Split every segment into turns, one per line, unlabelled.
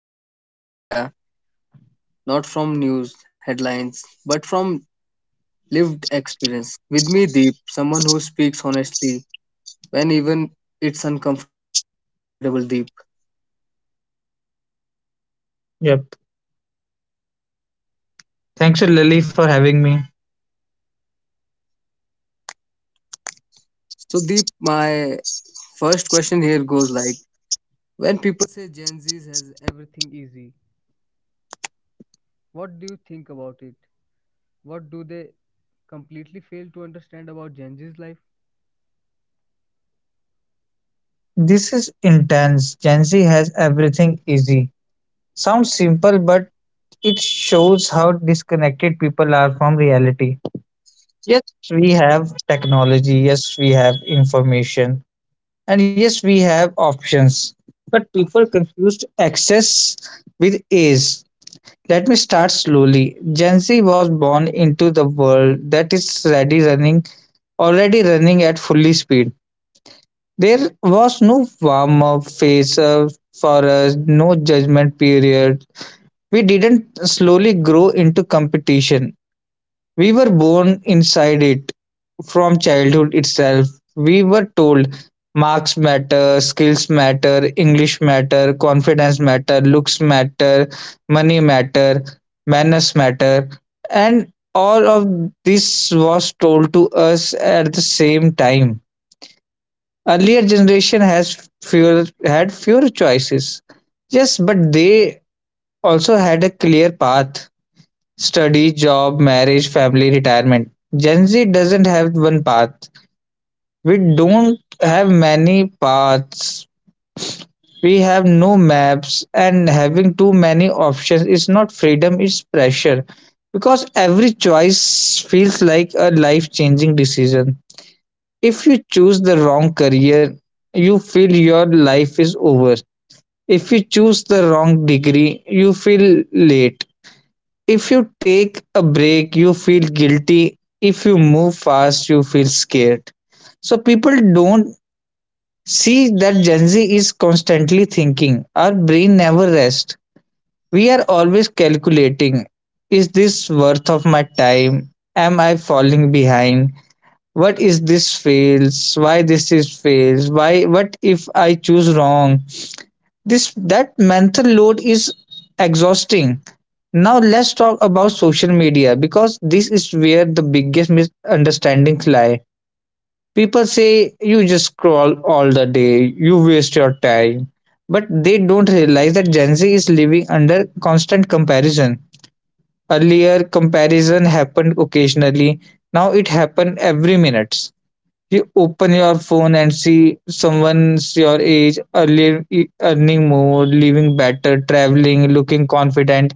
Not from social media, not from news headlines, but from lived experience. With me, Deep, someone who speaks honestly when even it's uncomfortable. Deep, welcome
Yep.
you, Deep.
Thanks to Lily for having me.
So, Deep, my first question here goes like,
This is intense. Gen Z has everything easy. Sounds simple, but it shows how disconnected people are from reality. Yes, we have technology. Yes, we have information. And yes, we have options. But people confused access with ease. Let me start slowly. Gen Z was born into the world that is already running at fully speed. There was no warm-up phase for us, no judgment period. We didn't slowly grow into competition. We were born inside it from childhood itself. We were told marks matter, skills matter, English matter, confidence matter, looks matter, money matter, manners matter, and all of this was told to us at the same time. Earlier generation has fewer had fewer choices. Yes, but they also had a clear path: study, job, marriage, family, retirement. Gen Z doesn't have one path. We don't have many paths. We have no maps, and having too many options is not freedom, it's pressure. Because every choice feels like a life changing decision. If you choose the wrong career, you feel your life is over. If you choose the wrong degree, you feel late. If you take a break, you feel guilty. If you move fast, you feel scared. So people don't see that Gen Z is constantly thinking. Our brain never rests. We are always calculating. Is this worth of my time? Am I falling behind? What is this fails, why this is fails, why, what if I choose wrong? This That mental load is exhausting. Now let's talk about social media, because this is where the biggest misunderstandings lie. People say you just scroll all the day, you waste your time, but they don't realize that Gen Z is living under constant comparison. Earlier, comparison happened occasionally. Now it happened every minutes. You open your phone and see someone's your age earning more, living better, traveling, looking confident,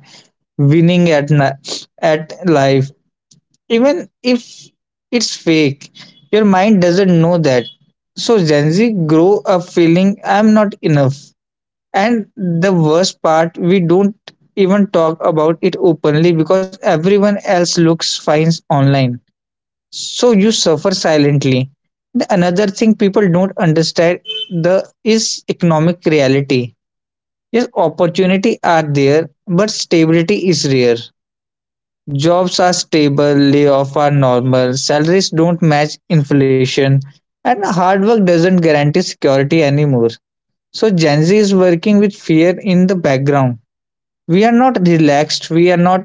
winning at life, even if it's fake. Your mind doesn't know that. So Gen Z grow up feeling I'm not enough. And the worst part, we don't even talk about it openly because everyone else looks fine online. So you suffer silently. The another thing people don't understand, the is economic reality. Yes, opportunity are there, but stability is rare. Jobs are stable, layoff are normal, salaries don't match inflation, and hard work doesn't guarantee security anymore. So Gen Z is working with fear in the background. We are not relaxed, we are not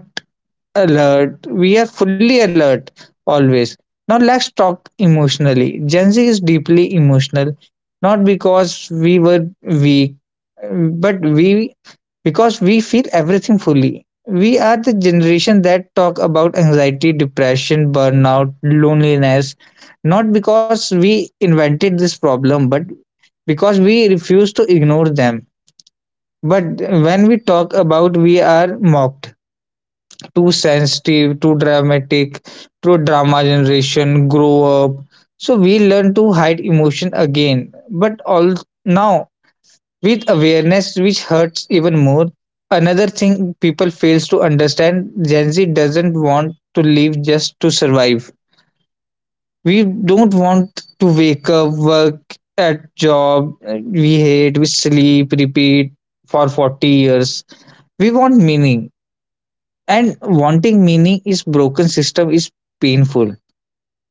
alert. We are fully alert always. Now let's talk emotionally. Gen Z is deeply emotional, not because we were weak, but we because we feel everything fully. We are the generation that talk about anxiety, depression, burnout, loneliness, not because we invented this problem, but because we refuse to ignore them. But when we talk about, we are mocked: too sensitive, too dramatic, too drama generation, grow up. So we learn to hide emotion again. But all now with awareness, which hurts even more. Another thing people fails to understand, Gen Z doesn't want to live just to survive. We don't want to wake up, work at job, we hate, we sleep, repeat for 40 years. We want meaning, and wanting meaning is broken system is painful,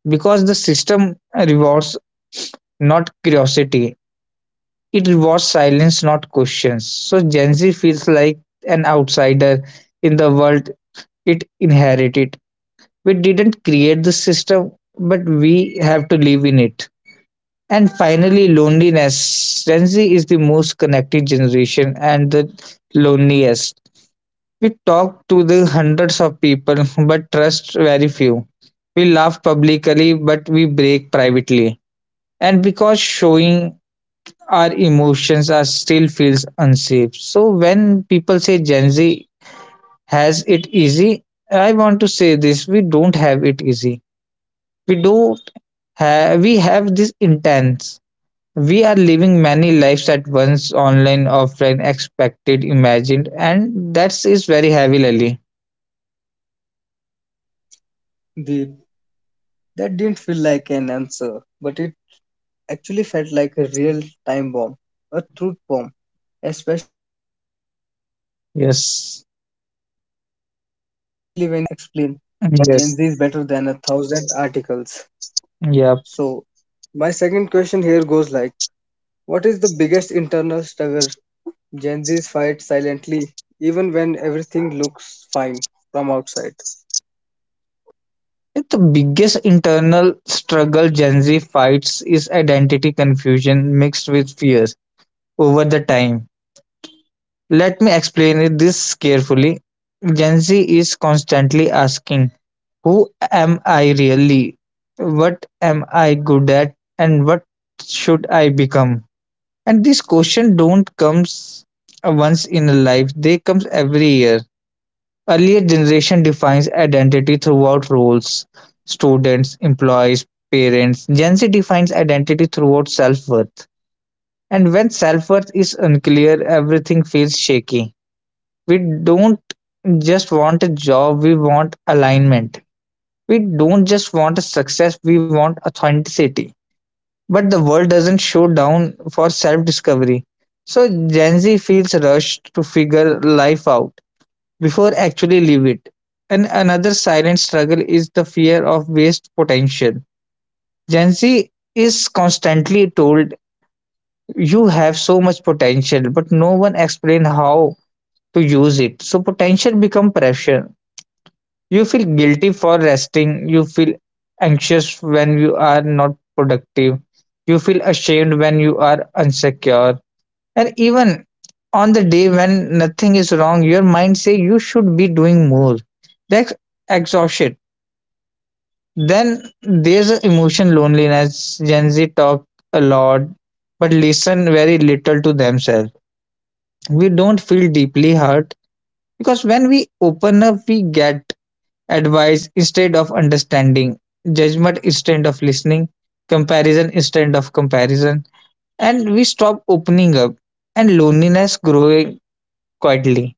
because the system rewards not curiosity, it rewards silence not questions. So Gen Z feels like an outsider in the world it inherited. We didn't create the system, but we have to live in it. And finally, loneliness. Gen Z is the most connected generation and the loneliest. We talked to the hundreds of people, but trust very few. We laugh publicly, but we break privately. And because showing our emotions are still feels unsafe. So when people say Gen Z has it easy, I want to say this: we don't have it easy. We don't have. We have this intense. We are living many lives at once, online, offline, expected, imagined, and that is very heavily.
Deep. That didn't feel like an answer, but it actually felt like a real time bomb, a truth bomb, especially when you said access is not an
Yes.
ease. That alone explains Gen Z
Yes.
is better than a thousand articles.
Yeah.
So, my second question here goes like: what is the biggest internal struggle Gen Z's fight silently, even when everything looks fine from outside?
The biggest internal struggle Gen Z fights is identity confusion mixed with fears over the time. Let me explain it this carefully. Gen Z is constantly asking, who am I really? What am I good at? And what should I become? And these questions don't comes once in a life, they comes every year. Earlier generation defines identity throughout roles: students, employees, parents. Gen Z defines identity throughout self-worth. And when self-worth is unclear, everything feels shaky. We don't just want a job, we want alignment. We don't just want a success, we want authenticity. But the world doesn't show down for self-discovery. So Gen Z feels rushed to figure life out before actually leave it. And another silent struggle is the fear of waste potential. Gen Z is constantly told you have so much potential, but no one explain how to use it. So potential become pressure. You feel guilty for resting. You feel anxious when you are not productive. You feel ashamed when you are insecure. And even on the day when nothing is wrong, your mind say you should be doing more. That's exhaustion. Then there's a emotion loneliness. Gen Z talk a lot, but listen very little to themselves. We don't feel deeply hurt because when we open up, we get advice instead of understanding, judgment instead of listening, comparison instead of comparison, and we stop opening up and loneliness growing quietly.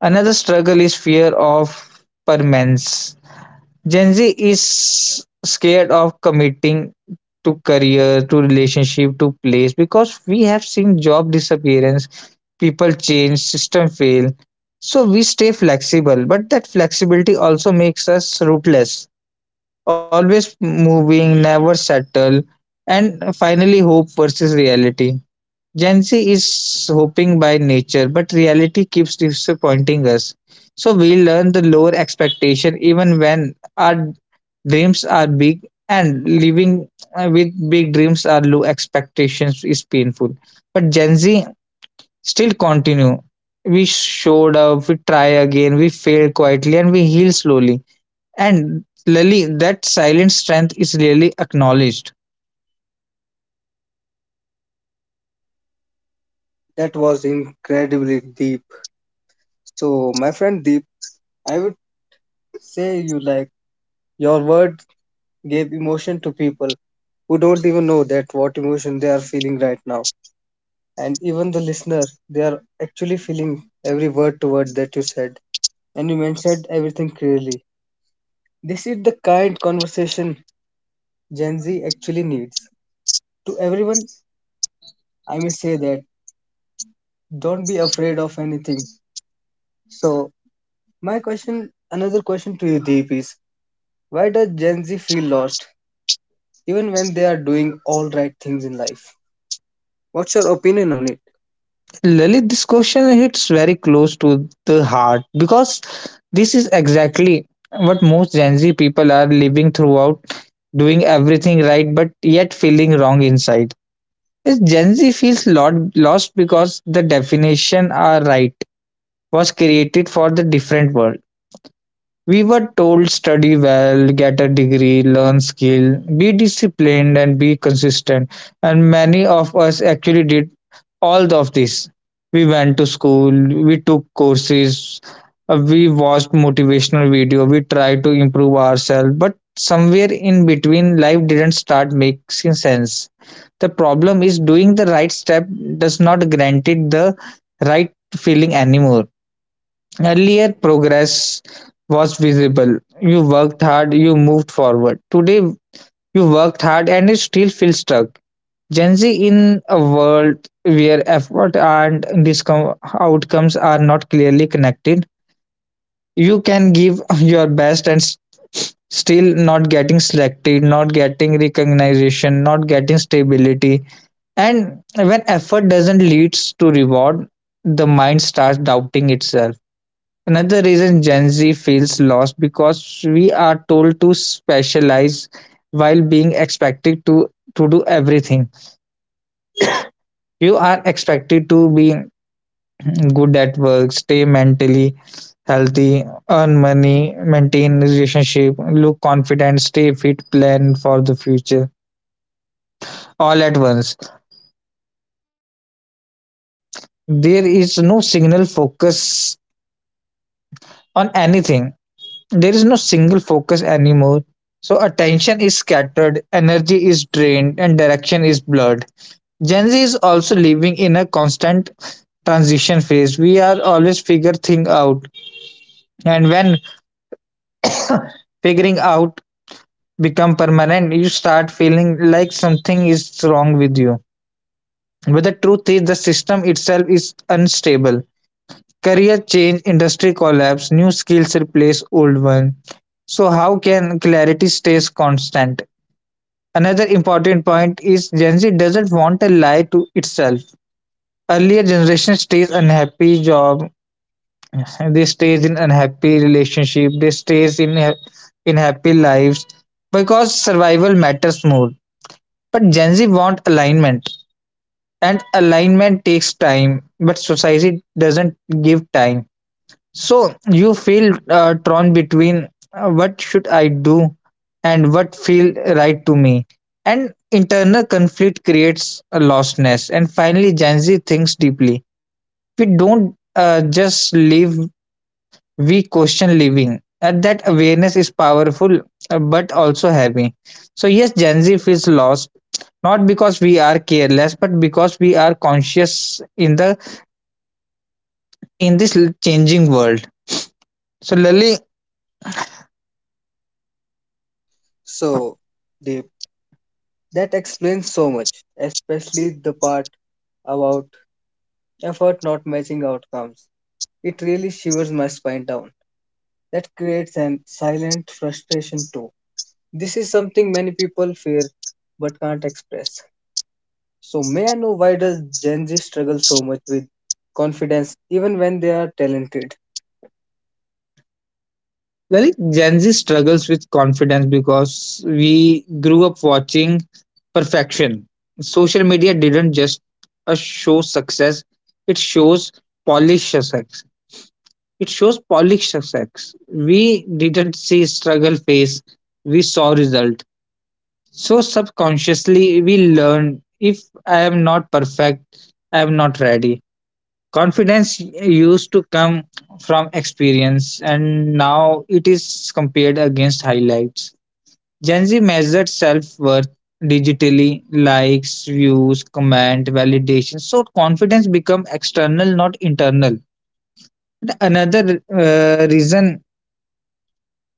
Another struggle is fear of permanence. Gen Z is scared of committing to career, to relationship, to place because we have seen job disappearance, people change, system fail. So we stay flexible, but that flexibility also makes us rootless, always moving, never settle. And finally, hope versus reality. Gen Z is hoping by nature, but reality keeps disappointing us. So we learn the lower expectation even when our dreams are big, and living with big dreams are low expectations is painful. But Gen Z still continue. We showed up, we try again, we fail quietly, and we heal slowly. And Lali, that silent strength is really acknowledged.
That was incredibly deep. So, my friend Deep, I would say you like. Your words gave emotion to people who don't even know that what emotion they are feeling right now. And even the listener, they are actually feeling every word to word that you said. And you mentioned everything clearly. This is the kind conversation Gen Z actually needs. To everyone, I may say that don't be afraid of anything. So, my question, another question to you, Deep, is why does Gen Z feel lost even when they are doing all right things in life? What's your opinion on it?
Lalit, this question hits very close to the heart because this is exactly what most Gen Z people are living throughout, doing everything right but yet feeling wrong inside. Yes, Gen Z feels lot lost because the definition are right was created for the different world. We were told study well, get a degree, learn skill, be disciplined and be consistent. And many of us actually did all of this. We went to school, we took courses, we watched motivational video, we tried to improve ourselves, but somewhere in between life didn't start making sense. The problem is doing the right step does not grant it the right feeling anymore. Earlier, progress was visible. You worked hard, you moved forward. Today you worked hard and you still feel stuck. Gen Z in a world where effort and outcomes are not clearly connected, you can give your best and still not getting selected, not getting recognition, not getting stability. And when effort doesn't lead to reward, the mind starts doubting itself. Another reason Gen Z feels lost, because we are told to specialize while being expected to do everything. You are expected to be good at work, stay mentally healthy, earn money, maintain relationship, look confident, stay fit, plan for the future all at once. There is no single focus on anything. There is no single focus anymore. So attention is scattered, energy is drained, and direction is blurred. Gen Z is also living in a constant transition phase. We are always figure thing out, and when figuring out become permanent, you start feeling like something is wrong with you. But the truth is, the system itself is unstable. Career change, industry collapse, new skills replace old ones. So, how can clarity stays constant? Another important point is Gen Z doesn't want a lie to itself. Earlier generation stays unhappy job, they stays in unhappy relationship, they stays in happy lives because survival matters more. But Gen Z want alignment, and alignment takes time, but society doesn't give time. So you feel torn between what should I do and what feel right to me. And internal conflict creates a lostness. And finally, Gen Z thinks deeply. We don't just live, we question living. And that awareness is powerful but also heavy. So, yes, Gen Z feels lost not because we are careless but because we are conscious in the in this changing world. So, lily
So, the that explains so much, especially the part about effort not matching outcomes. It really shivers my spine down. That creates an silent frustration too. This is something many people fear but can't express. So may I know why does Gen Z struggle so much with confidence even when they are talented?
lily Gen Z struggles with confidence because we grew up watching perfection. Social media didn't just show success, it shows polished success. It shows polished success. We didn't see struggle phase, we saw result. So subconsciously we learn, if I am not perfect, I am not ready. Confidence used to come from experience, and now it is compared against highlights. Gen Z measured self-worth digitally, likes, views, comment validation, so confidence become external not internal. Another reason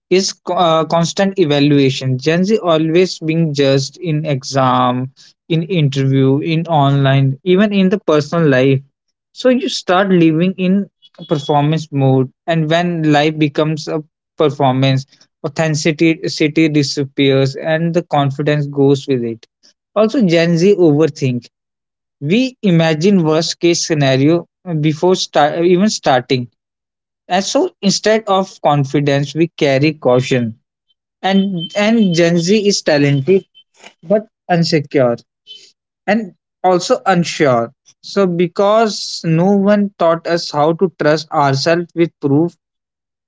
is constant evaluation. Gen Z always being judged in exam, in interview, in online, even in the personal life. So you start living in performance mode, and when life becomes a performance, authenticity city disappears, and the confidence goes with it. Also, Gen Z overthink. We imagine worst case scenario before starting, and so instead of confidence, we carry caution, and Gen Z is talented but insecure and also unsure, so because no one taught us how to trust ourselves with proof,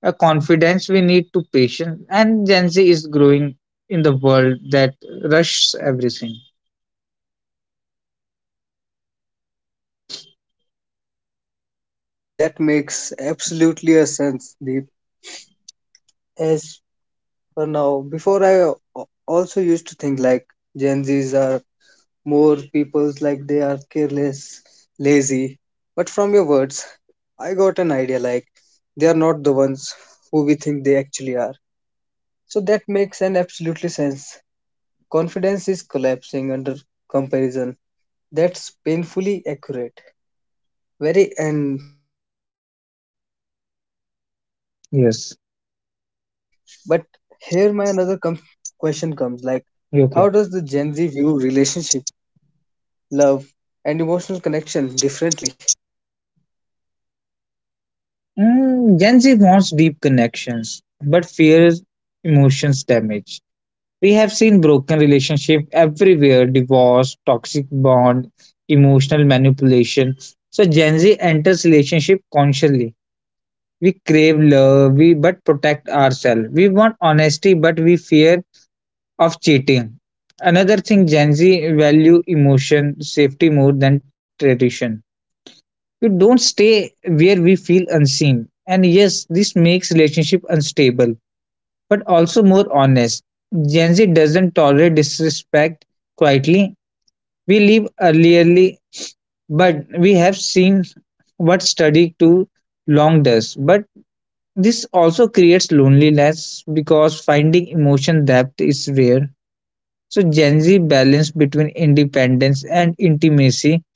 a confidence we need to patience, and Gen Z is growing in the world that rushes everything.
That makes absolutely a sense, Deep. As but now, before also used to think like Gen Zs are more people's like they are careless, lazy. But from your words, I got an idea like they are not the ones who we think they actually are. So that makes an absolutely sense. Confidence is collapsing under comparison. That's painfully accurate. Very and my friend Deep, you have very clearly explained
Yes.
everything. But here my another question comes like
Okay.
how does the Gen Z view relationship, love, and emotional connection differently?
Gen Z wants deep connections but fears emotions damage. We have seen broken relationship everywhere, divorce, toxic bond, emotional manipulation. So Gen Z enters relationship consciously. We crave love, we but protect ourselves. We want honesty, but we fear of cheating. Another thing, Gen Z value emotion, safety more than tradition. You don't stay where we feel unseen. And yes, this makes relationship unstable but also more honest. Gen Z doesn't tolerate disrespect quietly. We leave earlierly, but we have seen what study too long does. But this also creates loneliness because finding emotion depth is rare. So Gen Z balance between independence and intimacy,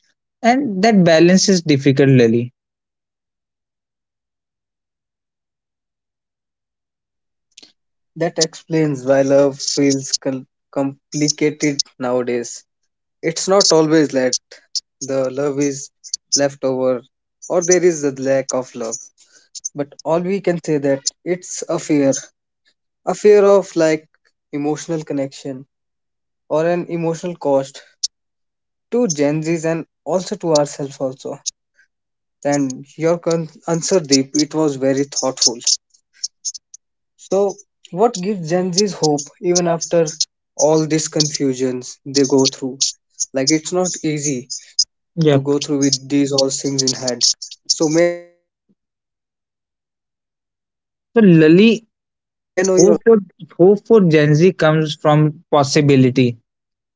and that balance is difficult, Lily.
That explains why love feels complicated nowadays. It's not always that the love is left over or there is a lack of love, but all we can say that it's a fear of like emotional connection or an emotional cost to Gen Zs and also to ourselves also. And your answer, Deep, it was very thoughtful. So, what gives Gen Z's hope even after all these confusions they go through? Like, it's not easy to
Yep.
go through with these all things in hand. So, may I know your opinion?
So Lily, hope for hope for Gen Z comes from possibility.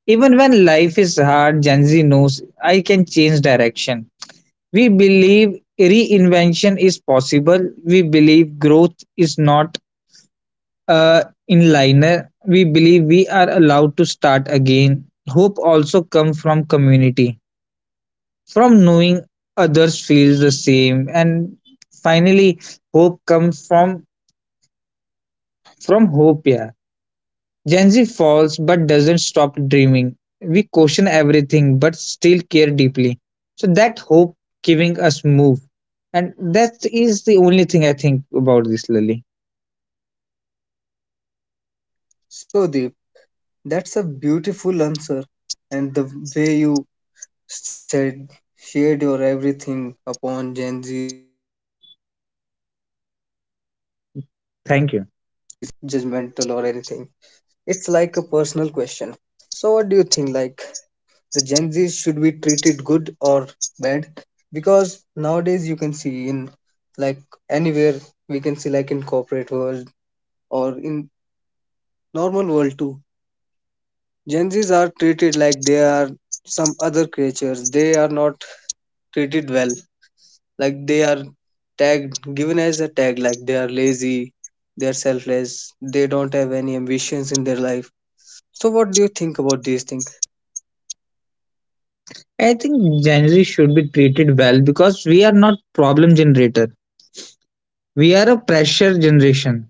Even when life is hard, Gen Z knows I can change direction. We believe reinvention is possible. We believe growth is not a inliner. We believe we are allowed to start again. Hope also comes from community, from knowing others feel the same, and finally, hope comes from hope. Yeah. Gen Z falls but doesn't stop dreaming. We question everything but still care deeply. So that hope giving us move. And that is the only thing I think about this, Lily.
So, Deep, that's a beautiful answer, and the way you said shared your everything upon Gen Z's and all. I would like to ask you one thing. It's
Thank
not
you.
judgmental or anything. It's like a personal question. So what do you think like the Gen Z should be treated good or bad? Because nowadays you can see in like anywhere we can see like in corporate world or in normal world too. Gen Zs are treated like they are some other creatures. They are not treated well. Like they are tagged given as a tag like they are lazy, they are selfless, they don't have any ambitions in their life. So what do you think about these things?
I think Gen Z should be treated well because we are not problem generator. We are a pressure generation.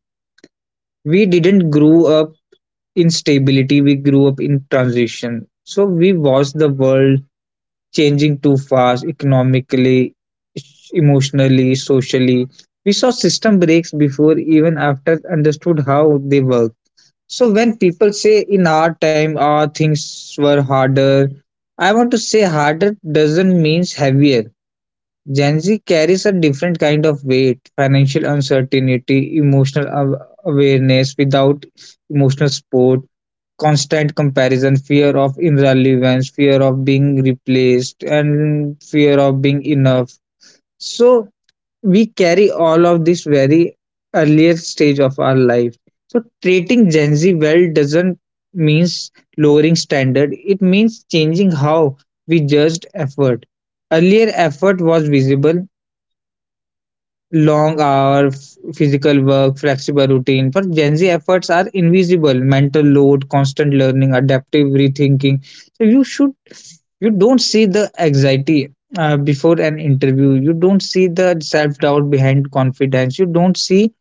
We didn't grow up in stability, we grew up in transition. So we watched the world changing too fast economically, emotionally, socially. We saw system breaks before even after understood how they work. So when people say in our time our things were harder, I want to say harder doesn't means heavier. Gen Z carries a different kind of weight, financial uncertainty, emotional awareness without emotional support, constant comparison, fear of irrelevance, fear of being replaced, and fear of being enough. So we carry all of this very earlier stage of our life. So treating Gen Z well doesn't means lowering standard. It means changing how we judged effort. Earlier effort was visible, long hour physical work, flexible routine. For Gen Z, efforts are invisible, mental load, constant learning, adaptive rethinking. So you don't see the anxiety before an interview, you don't see the self doubt behind confidence, you don't see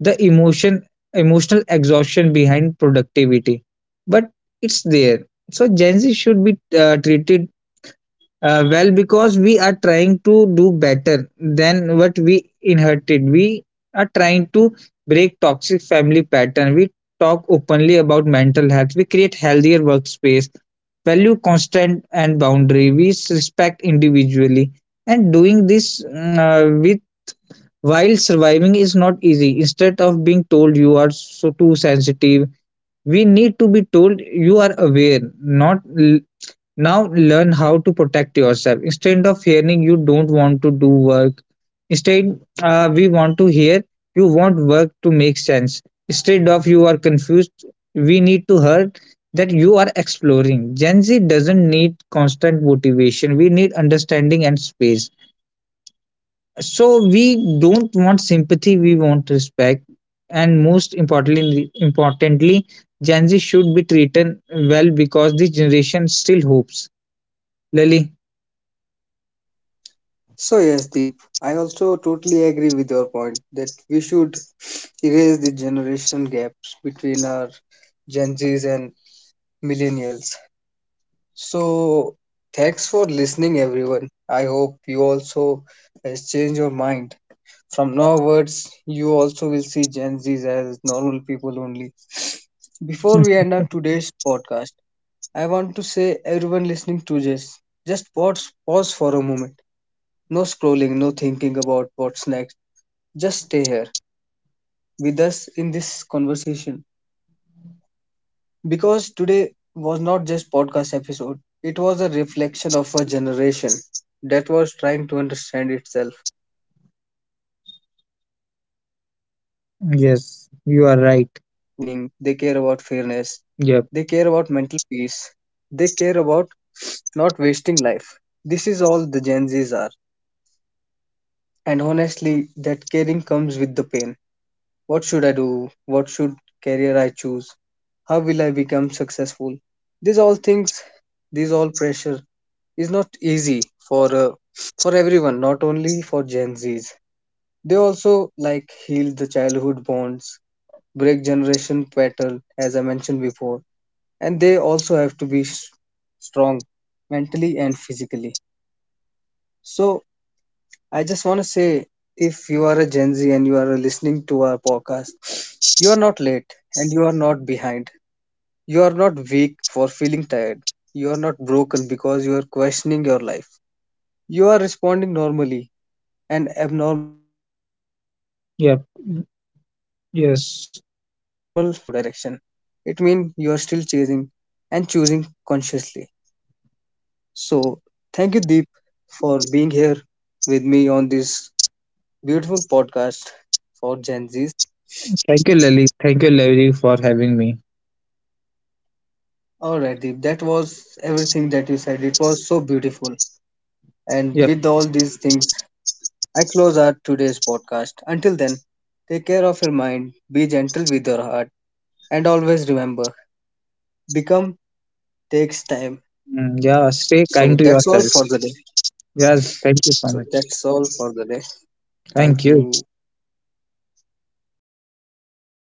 the emotion emotional exhaustion behind productivity, but it's there. So Gen Z should be treated well, because we are trying to do better than what we inherited. We are trying to break toxic family pattern. We talk openly about mental health. We create healthier workspace, value constant and boundary. We respect individually. And doing this with while surviving is not easy. Instead of being told you are so too sensitive, we need to be told you are aware, not l- now learn how to protect yourself. Instead of hearing you don't want to do work, instead we want to hear you want work to make sense. Instead of you are confused, we need to hear that you are exploring. Gen Z doesn't need constant motivation. We need understanding and space. So we don't want sympathy. We want respect. And importantly, Gen Z should be treated well because this generation still hopes. Lily.
So yes, Deep, I also totally agree with your point that we should erase the generation gaps between our Gen Zs and millennials. So thanks for listening, everyone. I hope you also has changed your mind. From now onwards, you also will see Gen Zs as normal people only. Before we end our today's podcast, I want to say everyone listening to this, just pause, pause for a moment. No scrolling, no thinking about what's next, just stay here with us in this conversation because today was not just podcast episode. It was a reflection of a generation that was trying to understand itself while the world keep moving fast. They
Yes,
care
you
about
are right.
meaning, they care about fairness, they
Yep,
care about mental peace, they care about not wasting life. This is all the Gen Zs are. And honestly, that caring comes with the pain. What should I do? What should career I choose? How will I become successful? These all things, these all pressure is not easy for everyone, not only for Gen Zs. They also like heal the childhood bonds, break generation pattern, as I mentioned before, and they also have to be strong mentally and physically. So I just want to say if you are a Gen Z and you are listening to our podcast, you are not late and you are not behind. You are not weak for feeling tired. You are not broken because you are questioning your life. You are responding normally an abnormal amount of pressure.
yep,
If you feel lost, it
yes.
doesn't mean you have no direction. It means you are still chasing and choosing consciously. So, thank you, Deep, for being here with me on this beautiful podcast for Gen Zs.
Thank you, Lily. Thank you, Lily, for having me.
All right, Deep, that was everything that you said. It was so beautiful. And
Yep.
with all these things, I close our today's podcast. Until then, take care of your mind, be gentle with your heart, and always remember, become takes time.
Mm, yeah, stay kind
So
to
that's all
yourself.
for the day.
Yes, thank you so
So
much.
that's all for the day.
Thank
Thank
you.
you.